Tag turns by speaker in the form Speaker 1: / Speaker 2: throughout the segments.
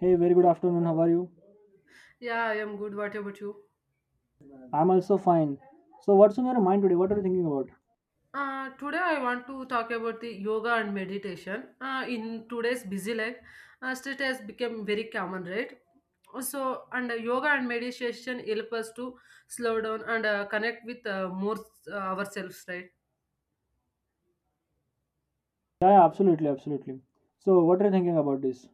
Speaker 1: Hey, very good afternoon. How are you?
Speaker 2: Yeah, I am good. What about you?
Speaker 1: I'm also fine. So, what's on your mind today? What are you thinking about?
Speaker 2: Today I want to talk about the yoga and meditation. In today's busy life, stress has become very common, right? So, and yoga and meditation help us to slow down and connect with more ourselves, right?
Speaker 1: Yeah, yeah, absolutely, absolutely. So, what are you thinking about this?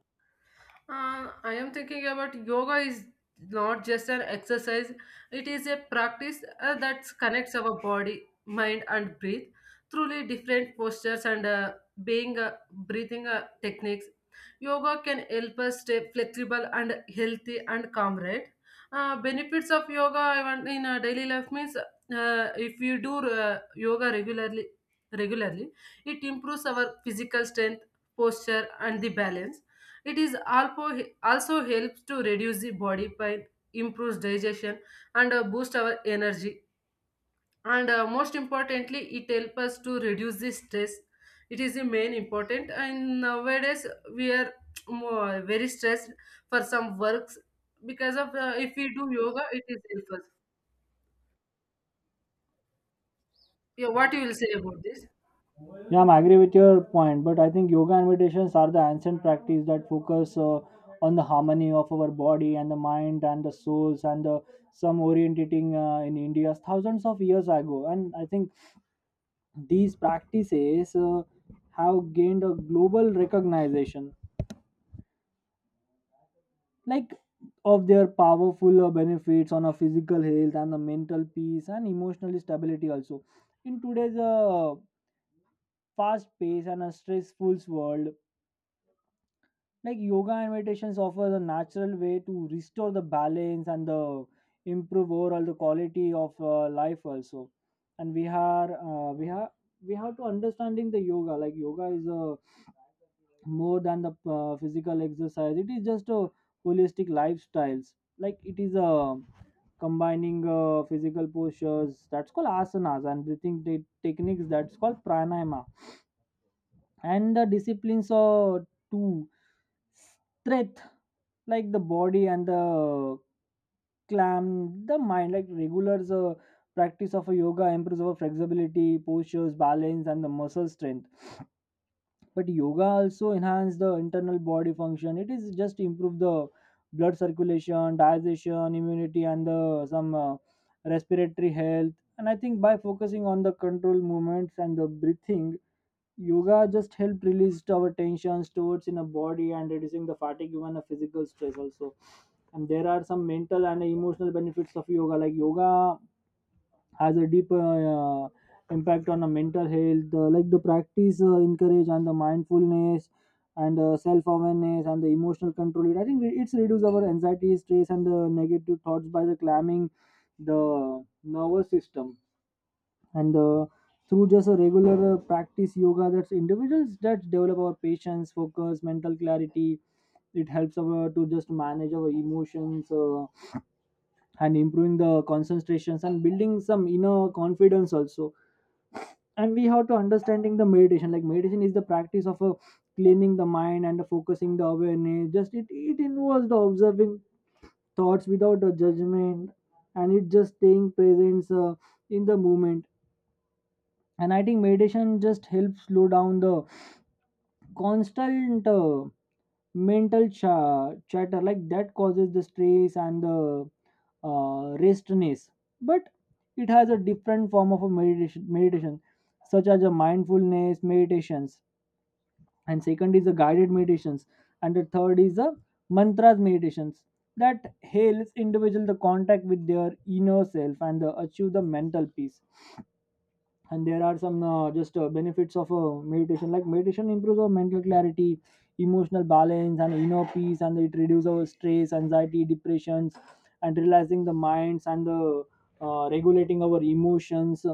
Speaker 2: I am thinking about yoga is not just an exercise, it is a practice that connects our body, mind, and breath through different postures and being breathing techniques. Yoga can help us stay flexible and healthy and calm, right? Benefits of yoga even in daily life means if you do yoga regularly, it improves our physical strength, posture, and the balance. It also helps to reduce the body pain, improves digestion, and boost our energy. And most importantly, it helps us to reduce the stress. It is the main important. And nowadays we are more, very stressed for some works because of if we do yoga, it is helpful. Yeah, what you will say about this?
Speaker 1: Yeah, I'm agree with your point, but I think yoga and meditations are the ancient practice that focus on the harmony of our body and the mind and the souls and the some orientating in India thousands of years ago. And I think these practices have gained a global recognition, like of their powerful benefits on a physical health and the mental peace and emotional stability also in today's fast paced and a stressful world, like yoga and meditations offers a natural way to restore the balance and the improve overall the quality of life also. And we are we have to understanding the yoga. Like yoga is a more than the physical exercise, it is just a holistic lifestyles. Like it is a combining physical postures that's called asanas, and breathing techniques that's called pranayama, and the disciplines are to strength like the body and the clam the mind. Like regulars practice of a yoga improves our flexibility, postures, balance, and the muscle strength. But yoga also enhance the internal body function. It is just improve the blood circulation, digestion, immunity, and the some respiratory health. And I think by focusing on the control movements and the breathing, yoga just help release our tension stored in a body and reducing the fatigue, even a physical stress also. And there are some mental and emotional benefits of yoga. Like yoga has a deep impact on the mental health. Like the practice encourage and the mindfulness and self awareness and the emotional control. It, I think, it's reduce our anxiety, stress, and the negative thoughts by the calming the nervous system, and through just a regular practice yoga that's individuals that develop our patience, focus, mental clarity. It helps our to just manage our emotions, and improving the concentrations and building some inner confidence also. And we have to understanding the meditation. Like meditation is the practice of a cleaning the mind and focusing the awareness. Just it involves the observing thoughts without a judgment, and it just staying present in the moment. And I think meditation just helps slow down the constant mental chatter, like that causes the stress and the restness. But it has a different form of a meditation, such as a mindfulness meditations, and second is the guided meditations, and the third is the mantras meditations that helps individual the contact with their inner self and the achieve the mental peace. And there are some just benefits of meditation. Like meditation improves our mental clarity, emotional balance, and inner peace, and it reduces our stress, anxiety, depressions, and realizing the minds and the regulating our emotions.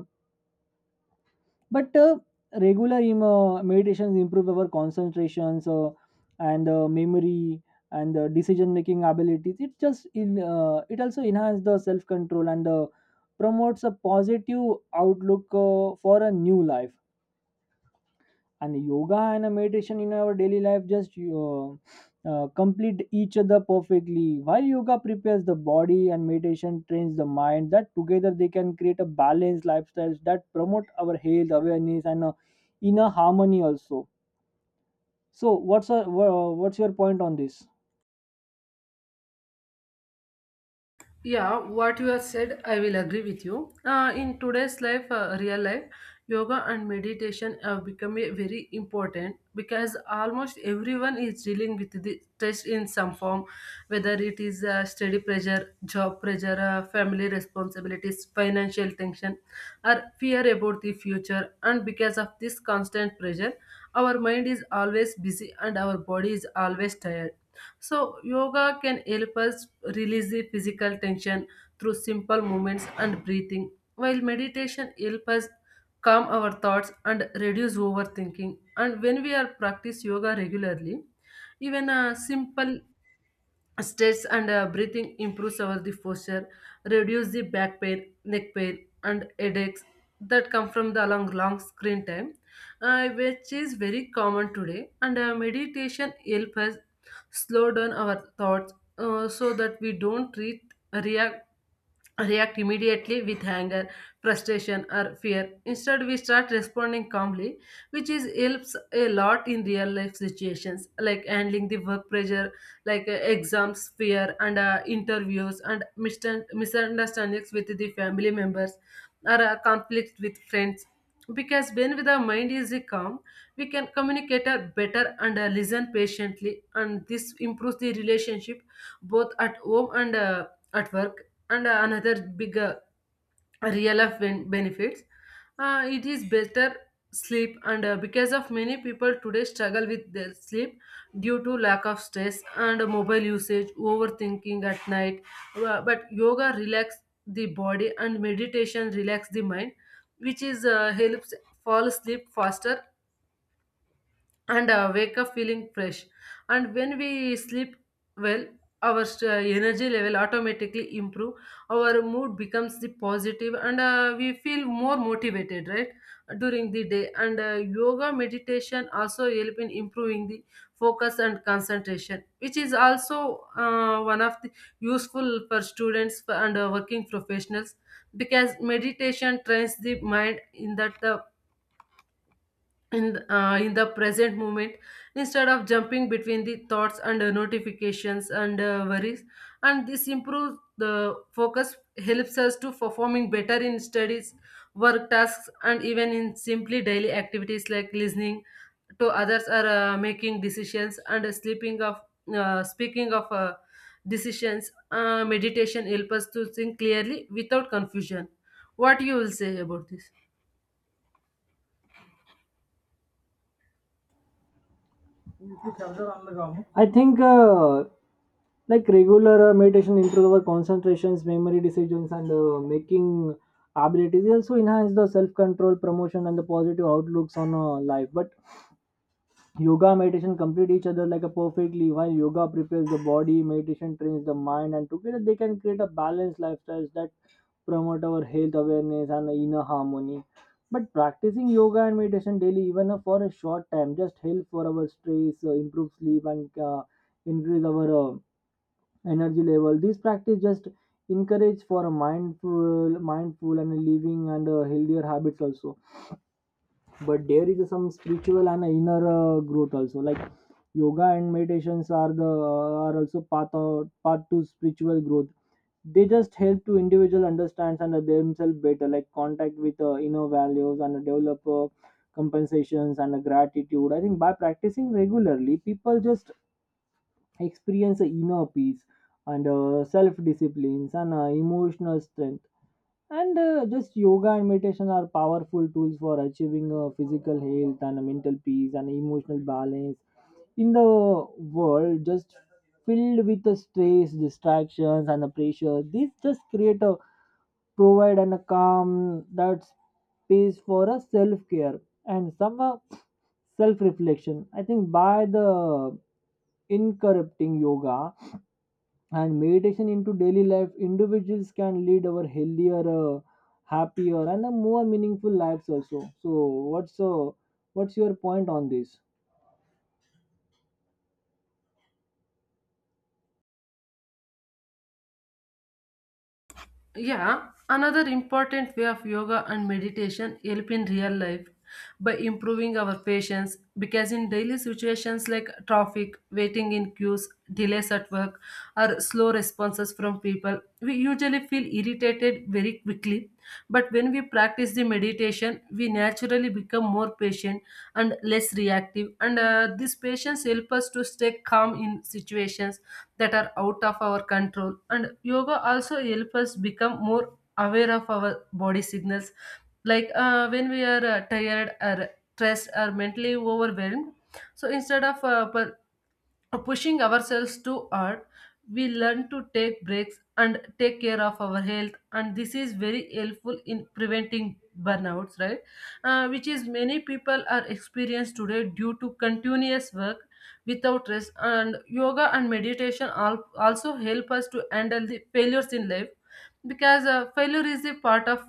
Speaker 1: But regular meditations improve our concentrations, and memory, and decision making abilities. It just in It also enhances the self control, and promotes a positive outlook for a new life. And yoga and a meditation in our daily life just complete each other perfectly, while yoga prepares the body and meditation trains the mind, that together they can create a balanced lifestyles that promote our health awareness and inner harmony also. So what's your point on this?
Speaker 2: Yeah, what you have said, I will agree with you. In today's life, real life, yoga and meditation have become a very important because almost everyone is dealing with the stress in some form, whether it is study pressure, job pressure, family responsibilities, financial tension, or fear about the future. And because of this constant pressure, our mind is always busy and our body is always tired. So, yoga can help us release the physical tension through simple movements and breathing, while meditation helps us calm our thoughts and reduce overthinking. And when we are practice yoga regularly, even a simple stretch and breathing improves our the posture, reduce the back pain, neck pain, and headaches that come from the long, long screen time, which is very common today. And meditation helps us slow down our thoughts so that we don't react react immediately with anger, frustration, or fear. Instead, we start responding calmly, which is helps a lot in real life situations like handling the work pressure, like exams, fear, and interviews, and misunderstandings with the family members, or conflict with friends. Because when the mind is calm, we can communicate better and listen patiently, and this improves the relationship both at home and at work. And another big real life benefits, it is better sleep. And because of many people today struggle with their sleep due to lack of stress and mobile usage overthinking at night. But yoga relax the body and meditation relax the mind, which is helps fall asleep faster and wake up feeling fresh. And when we sleep well, our energy level automatically improve, our mood becomes the positive, and we feel more motivated, right, during the day. And yoga meditation also help in improving the focus and concentration, which is also one of the useful for students and working professionals, because meditation trains the mind in that the in the present moment instead of jumping between the thoughts and notifications and worries. And this improves the focus, helps us to performing better in studies, work tasks, and even in simply daily activities like listening to others or making decisions. And sleeping of speaking of decisions, meditation helps us to think clearly without confusion. What you will say about this?
Speaker 1: I think like regular meditation improves our concentrations, memory, decisions, and making abilities. It also enhance the self control, promotion, and the positive outlooks on life. But yoga and meditation complete each other like a perfectly. While yoga prepares the body, meditation trains the mind, and together they can create a balanced lifestyles that promote our health awareness and inner harmony. But practicing yoga and meditation daily, even for a short time, just help for our stress, improve sleep, and increase our energy level. This practice just encourage for a mindful and living and healthier habits also. But there is some spiritual and inner growth also. Like yoga and meditations are also path to spiritual growth. They just help to individual understand and themselves better, like contact with inner values, and develop compensations and gratitude. I think by practicing regularly, people just experience a inner peace and self disciplines and emotional strength. And just yoga and meditation are powerful tools for achieving physical health and mental peace and emotional balance in the world, just filled with the stress, distractions, and the pressure. These just create a provide and a calm that space for a self care and some self reflection. I think by the incorrupting yoga and meditation into daily life, individuals can lead our healthier, happier, and a more meaningful lives also. So what's uh, what's your point on this?
Speaker 2: Yeah, another important way of yoga and meditation help in real life by improving our patience, because in daily situations like traffic, waiting in queues, delays at work, or slow responses from people, we usually feel irritated very quickly. But when we practice the meditation, we naturally become more patient and less reactive, and this patience helps us to stay calm in situations that are out of our control. And yoga also helps us become more aware of our body signals, like when we are tired or stressed or mentally overwhelmed. So instead of pushing ourselves too hard, we learn to take breaks and take care of our health, and this is very helpful in preventing burnouts, right? Which is many people are experienced today due to continuous work without rest. And yoga and meditation also help us to handle the failures in life, because failure is a part of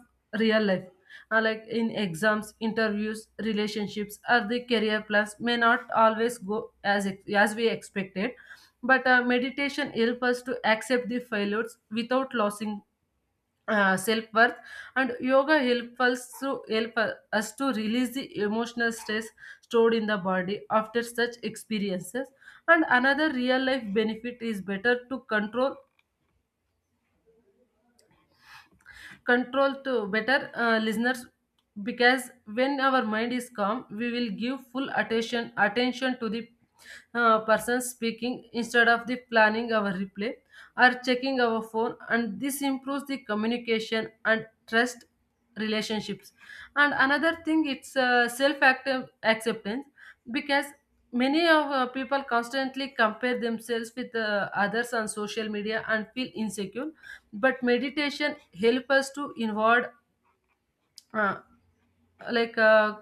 Speaker 2: real life. Like in exams, interviews, relationships, or the career plans may not always go as we expected. But meditation helps us to accept the failures without losing self worth, and yoga help us to release the emotional stress stored in the body after such experiences. And another real life benefit is better to control control to better listeners, because when our mind is calm we will give full attention to the person speaking instead of the planning our replay or checking our phone. And this improves the communication and trust relationships. And another thing, it's self acceptance, because many of people constantly compare themselves with others on social media and feel insecure. But meditation help us to inward, uh, like uh,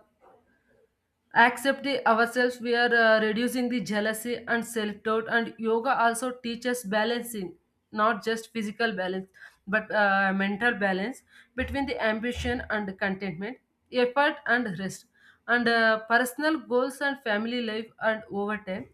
Speaker 2: accept the ourselves, we are reducing the jealousy and self doubt. And yoga also teaches balancing, not just physical balance, but mental balance between the ambition and contentment, effort and rest, and personal goals and family life. And over time,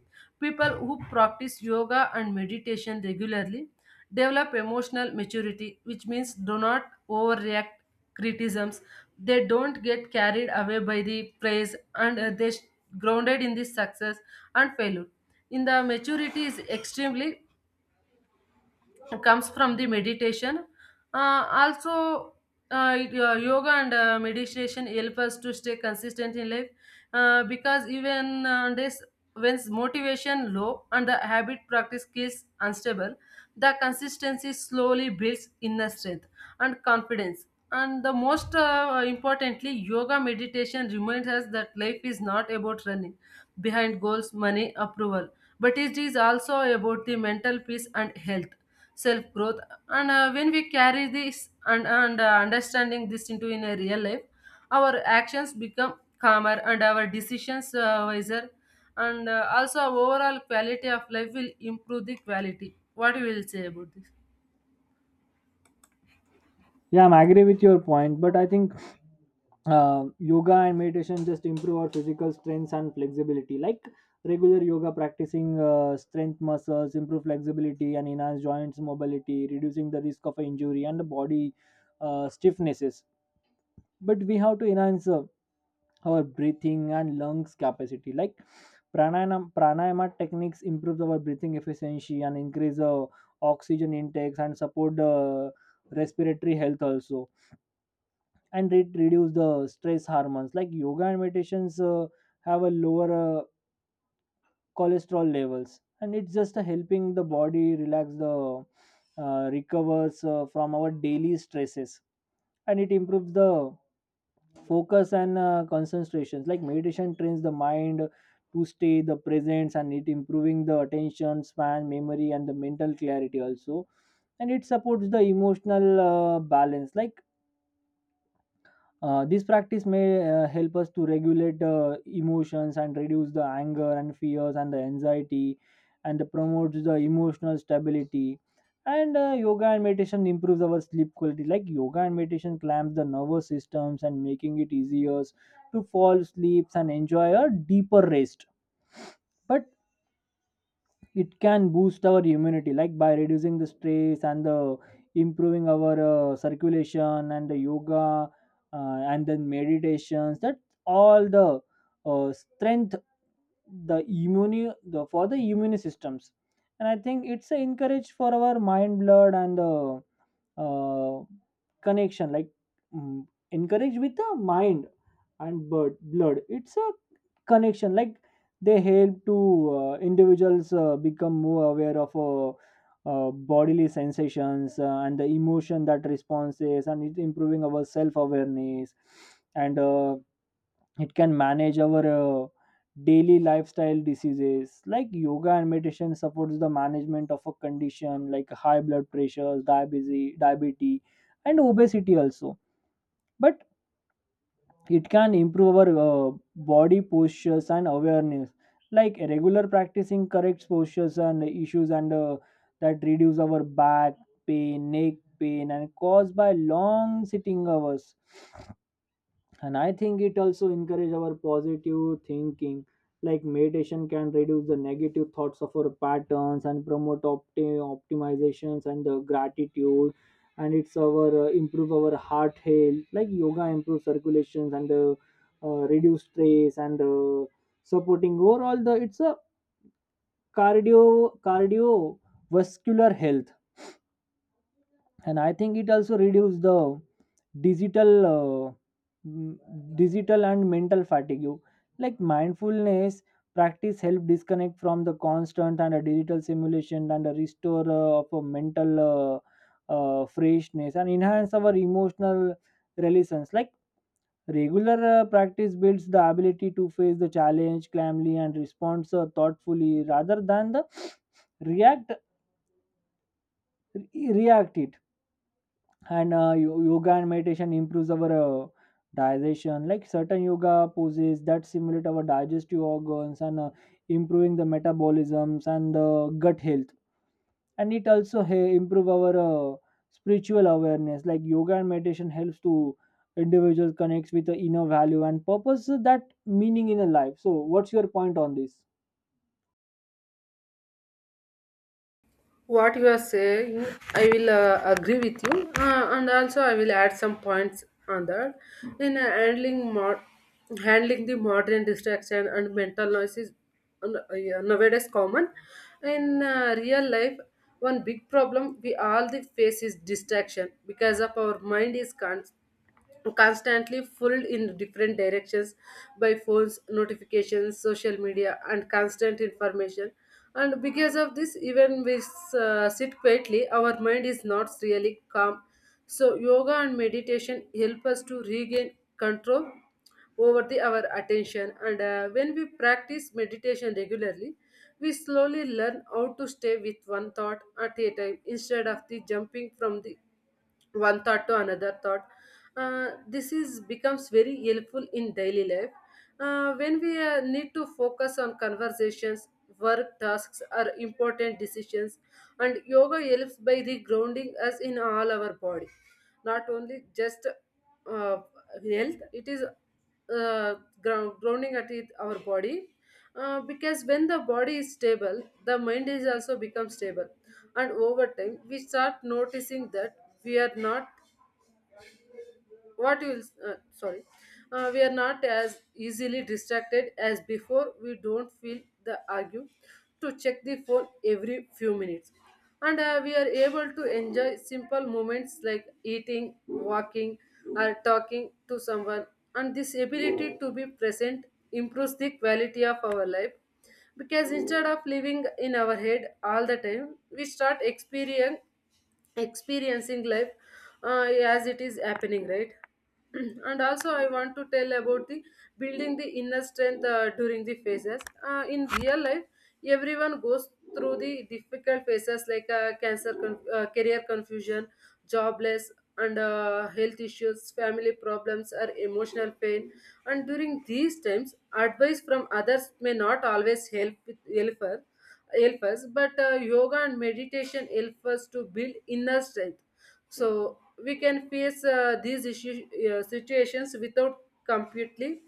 Speaker 2: people who practice yoga and meditation regularly develop emotional maturity, which means do not overreact criticisms, they don't get carried away by the praise, and grounded in the success and failure. In the maturity is extremely comes from the meditation. Also, yoga and meditation help us to stay consistent in life, because even this when motivation low and the habit practice skills unstable, the consistency slowly builds inner strength and confidence. And the most importantly, yoga meditation reminds us that life is not about running behind goals, money, approval, but it is also about the mental peace and health, self growth. And when we carry this and understanding this into in a real life, our actions become calmer and our decisions wiser, and also our overall quality of life will improve the quality. What you will say about this?
Speaker 1: Yeah, I'm agree with your point, but I think yoga and meditation just improve our physical strengths and flexibility. Like regular yoga practicing strength muscles improve flexibility and enhance joints mobility, reducing the risk of injury and the body stiffnesses. But we have to enhance our breathing and lungs capacity. Like pranayama techniques improves our breathing efficiency and increase oxygen intakes and support the respiratory health also. And it reduce the stress hormones. Like yoga and meditations have a lower cholesterol levels, and it's just helping the body relax the recovers from our daily stresses. And it improves the focus and concentrations. Like meditation trains the mind to stay the presence, and it improving the attention span, memory, and the mental clarity also. And it supports the emotional balance. Like this practice may help us to regulate emotions and reduce the anger and fears and the anxiety, and promotes the emotional stability. And yoga and meditation improves our sleep quality. Like yoga and meditation clamps the nervous systems and making it easier to fall asleep and enjoy a deeper rest. But it can boost our immunity, like by reducing the stress and the improving our circulation, and the yoga and then meditations that all the strength the immune systems. And I think it's a encourage for our mind, blood, and the uh, connection. Like encourage with the mind and blood, it's a connection. Like they help to individuals become more aware of bodily sensations, and the emotion that responses, and it improving our self-awareness. And it can manage our daily lifestyle diseases. Like yoga and meditation supports the management of a condition like high blood pressure, diabetes, and obesity also. But it can improve our body postures and awareness. Like regular practicing correct postures and issues, and that reduce our back pain, neck pain, and caused by long sitting hours. And I think it also encourage our positive thinking. Like meditation can reduce the negative thoughts of our patterns and promote optimizations and the gratitude. And it's our improve our heart health. Like yoga improve circulations and reduce stress and supporting overall the it's a cardio cardiovascular health. And I think it also reduce the digital uh, m- digital and mental fatigue. Like mindfulness practice help disconnect from the constant and a digital simulation, and a restore of a mental freshness, and enhance our emotional relations. Like regular practice builds the ability to face the challenge calmly and respond thoughtfully rather than the react react it. And yoga and meditation improves our digestion. Like certain yoga poses that simulate our digestive organs and improving the metabolisms and gut health. And it also improve our spiritual awareness. Like yoga and meditation helps to individual connects with the inner value and purpose that meaning in a life. So what's your point on this?
Speaker 2: What you are saying, I will agree with you, and also I will add some points on that. In handling the modern distraction and mental noise is, yeah, nowadays common in real life. One big problem we all the face is distraction, because of our mind is constantly pulled in different directions by phones, notifications, social media, and constant information. And because of this, even we sit quietly, our mind is not really calm. So, yoga and meditation help us to regain control over our attention. And when we practice meditation regularly, we slowly learn how to stay with one thought at a time instead of the jumping from the one thought to another thought. This is becomes very helpful in daily life when we need to focus on conversations, work tasks, or important decisions. And yoga helps by regrounding us in all our body, not only just uh, health, it is grounding at it, our body, because when the body is stable the mind is also become stable. And over time we start noticing that we are not, what you will sorry, we are not as easily distracted as before, we don't feel the argue to check the phone every few minutes. And we are able to enjoy simple moments like eating, walking, or talking to someone. And this ability to be present improves the quality of our life, because instead of living in our head all the time we start experience experiencing life uh, as it is happening, right? And also I want to tell about the building the inner strength during the phases in real life. Everyone goes through the difficult phases like career confusion, jobless, and health issues, family problems, or emotional pain. And during these times advice from others may not always help with helper help us. But yoga and meditation help us to build inner strength, so we can face situations without completely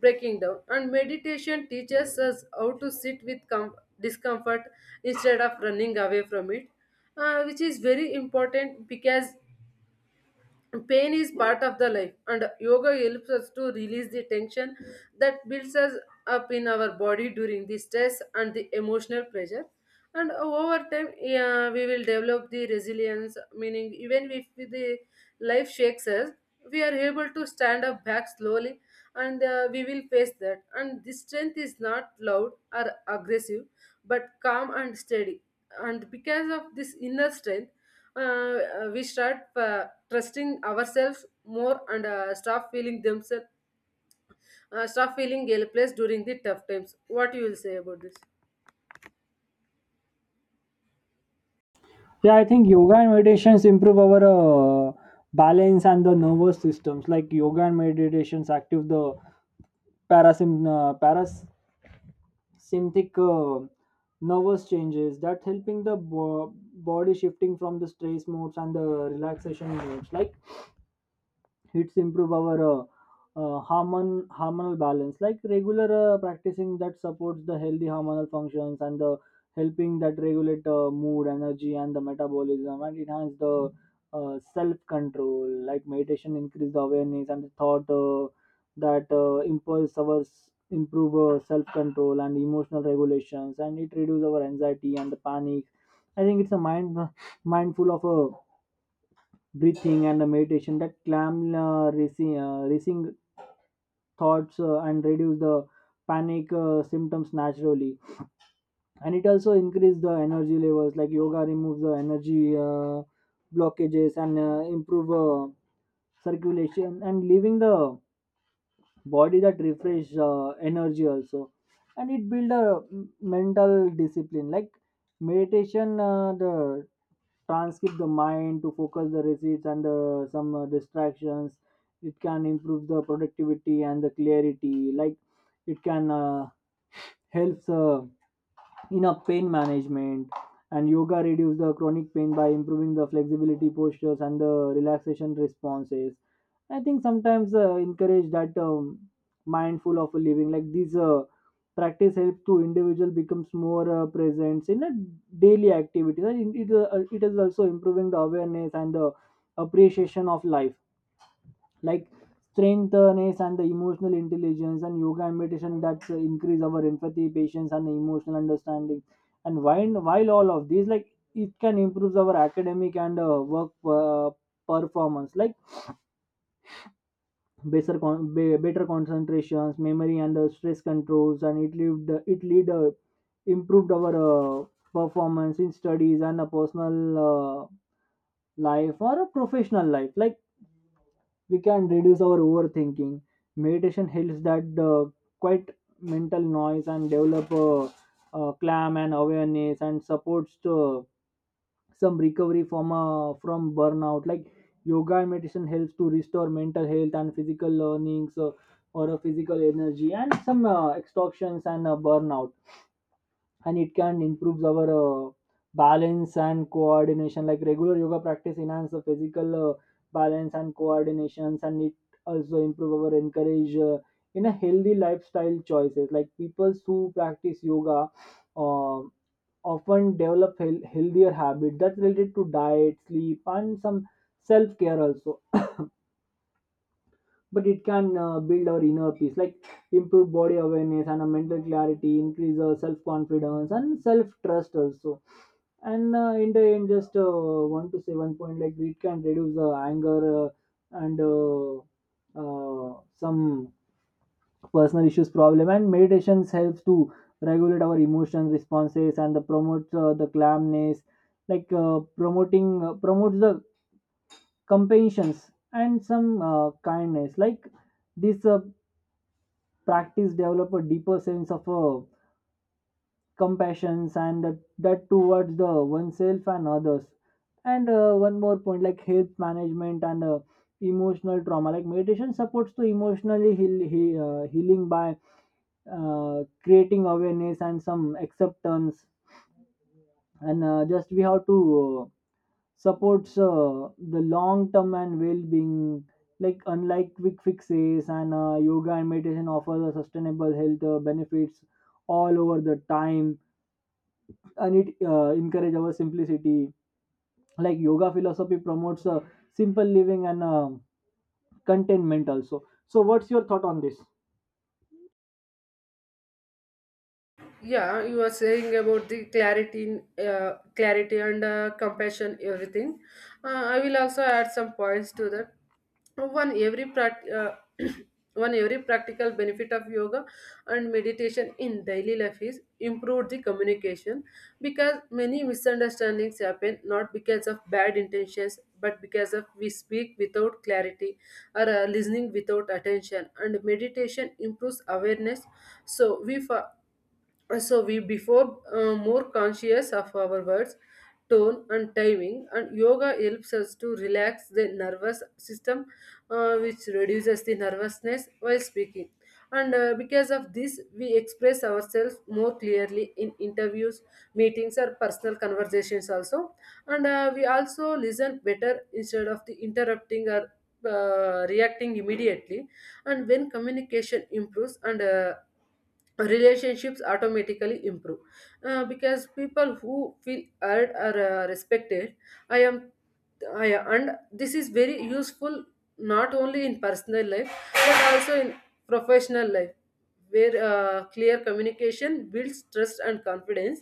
Speaker 2: breaking down. And meditation teaches us how to sit with discomfort instead of running away from it, which is very important because pain is part of the life. And yoga helps us to release the tension that builds us up in our body during the stress and the emotional pressure. And over time, yeah, we will develop the resilience Meaning even if the life shakes us, we are able to stand up back slowly and we will face that. And this strength is not loud or aggressive but calm and steady. And because of this inner strength, we start trusting ourselves more and stop feeling themselves stop feeling helpless during the tough times. What you will say about this?
Speaker 1: Yeah, I think yoga and meditations improve our balance and the nervous systems. Like yoga and meditations active the parasym- uh, parasympathetic nervous changes that helping the body shifting from the stress modes and the relaxation modes. Like it's improve our hormonal balance. Like regular practicing that supports the healthy hormonal functions, and the helping that regulate mood, energy, and the metabolism, and enhance the self control. Like meditation increase the awareness and the thought that impulse our improve self control and emotional regulations, and it reduce our anxiety and the panic. I think it's a mindful of a breathing and the meditation that calm racing thoughts and Reduce the panic symptoms naturally. And it also increase the energy levels, like yoga removes the energy blockages and improve circulation and leaving the body that refresh energy also. And it build a mental discipline, like meditation the transcript the mind to focus the receipts and some distractions. It can improve the productivity and the clarity, like it can helps in a pain management. And yoga reduces the chronic pain by improving the flexibility postures and the relaxation responses. I think sometimes encourage that mindful of living, like these practice help to individual becomes more present in a daily activities, and it is also improving the awareness and the appreciation of life, like strengthness and the emotional intelligence. And yoga and meditation that increase our empathy, patience and emotional understanding. And while all of these, like it can improve our academic and work performance, like better concentrations, memory and stress controls, and it lead improved our performance in studies and a personal life or a professional life, like we can reduce our overthinking. Meditation helps that quite mental noise and develop a calm and awareness, and supports to some recovery from burnout, like yoga and meditation helps to restore mental health and physical learnings or a physical energy and some extortions and burnout. And it can improves our balance and coordination, like regular yoga practice enhance the physical balance and coordinations, and it also improve our encourage in a healthy lifestyle choices, like people who practice yoga uh, often develop healthier habits that's related to diet, sleep and some self-care also. But it can build our inner peace, like improve body awareness and a mental clarity, increase our self confidence and self trust also. And in the end, just one to say one point, like it can reduce the anger, and some personal issues problem, and meditations helps to regulate our emotion responses and the promotes the calmness, like promoting promotes the compassions and some kindness, like this practice develop a deeper sense of compassion and that towards the oneself and others. And one more point, like health management and emotional trauma, like meditation supports to emotionally healing by creating awareness and some acceptance. And just we have to supports the long term and well being. Like, unlike quick fixes, and yoga and meditation offer the sustainable health benefits all over the time, and it encourage our simplicity, like yoga philosophy promotes simple living and contentment also. So what's your thought on this?
Speaker 2: Yeah, you are saying about the clarity in, clarity and compassion, everything. I will also add some points to that. one every prac- uh, One, every practical benefit of yoga and meditation in daily life is improve the communication, because many misunderstandings happen not because of bad intentions but because of we speak without clarity or listening without attention. And meditation improves awareness, so so we before more conscious of our words, tone and timing. And yoga helps us to relax the nervous system, which reduces the nervousness while speaking. And because of this we express ourselves more clearly in interviews, meetings or personal conversations also. And we also listen better instead of the interrupting or reacting immediately. And when communication improves, and relationships automatically improve. Because people who feel heard are respected. i am I, and this is very useful not only in personal life but also in professional life, where clear communication builds trust and confidence.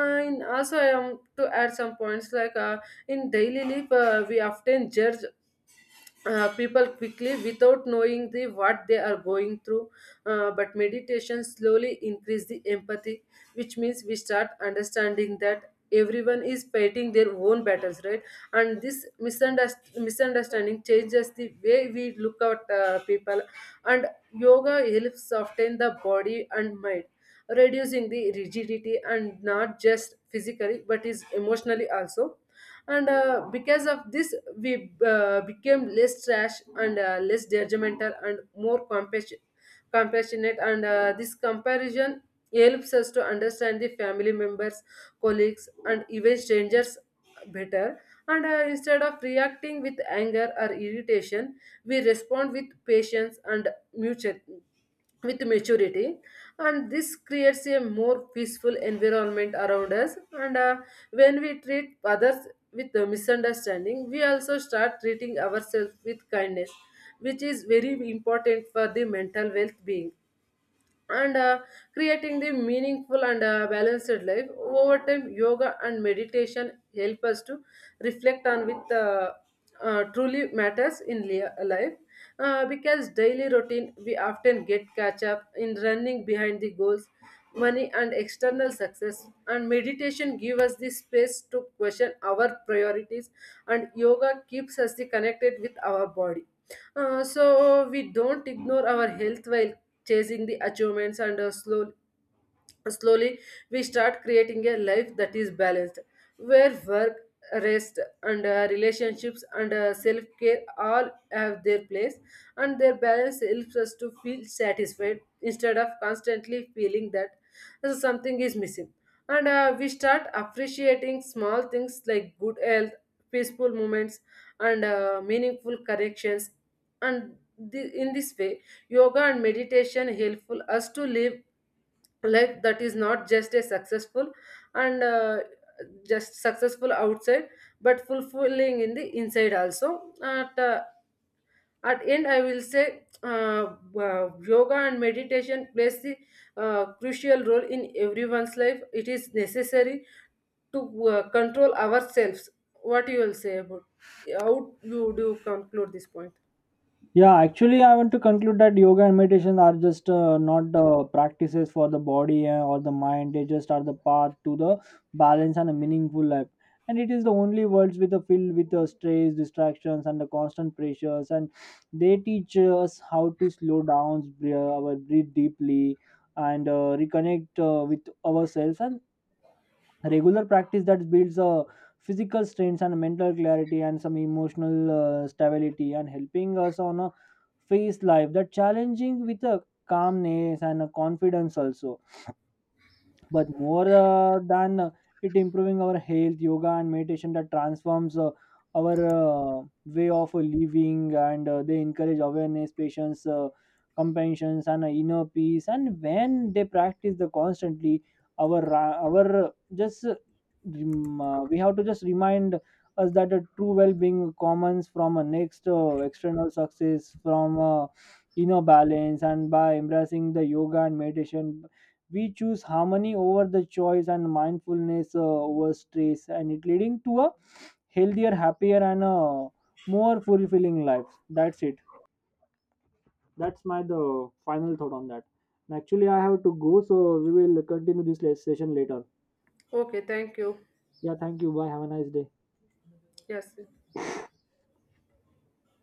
Speaker 2: And also I am to add some points like, in daily life we often judge people quickly without knowing the what they are going through. But meditation slowly increase the empathy, which means we start understanding that everyone is fighting their own battles, right? And this misunderstanding changes the way we look at people. And yoga helps soften the body and mind, reducing the rigidity, and not just physically but is emotionally also. And because of this we became less trash and less judgmental and more compassionate. And this comparison helps us to understand the family members, colleagues and even strangers better. And instead of reacting with anger or irritation, we respond with patience and mutual, with maturity. And this creates a more peaceful environment around us. And When we treat others with misunderstanding, we also start treating ourselves with kindness, which is very important for the mental well being. And creating the meaningful and balanced life over time, yoga and meditation help us to reflect on with truly matters in life. Because daily routine, we often get catch up in running behind the goals, money and external success, and meditation give us the space to question our priorities. And yoga keeps us the connected with our body, so we don't ignore our health while chasing the achievements. And Slowly, we start creating a life that is balanced, where work, rest, and relationships and self care all have their place, and their balance helps us to feel satisfied instead of constantly feeling that something is missing. And we start appreciating small things like good health, peaceful moments, and meaningful connections. And in this way, yoga and meditation helpful us to live like that is not just a successful and just successful outside but fulfilling in the inside also. At end I will say, yoga and meditation plays the crucial role in everyone's life. It is necessary to control ourselves. What you will say about how you do conclude this point?
Speaker 1: Yeah, actually, I want to conclude that yoga and meditation are just not the practices for the body or the mind. They just are the path to the balance and a meaningful life. And it is the only worlds with a filled with the stress, distractions, and the constant pressures. And they teach us how to slow down, our breathe deeply, and reconnect with ourselves. And regular practice that builds a physical strength and mental clarity and some emotional stability, and helping us on a face life that challenging with a calmness and a confidence also. But more than it improving our health, yoga and meditation that transforms our way of living. And they encourage awareness, patience, compassion and inner peace. And when they practice the constantly, our ra- our just rem- we have to just remind us that a true well-being comes from a next external success, from inner balance. And by embracing the yoga and meditation, we choose harmony over the choice and mindfulness over stress, and it leading to a healthier, happier and a more fulfilling lives. That's it. That's my the final thought on that. And actually I have to go, so we will continue this session later.
Speaker 2: Okay, thank you.
Speaker 1: Yeah, thank you, bye, have a nice day.
Speaker 2: Yes.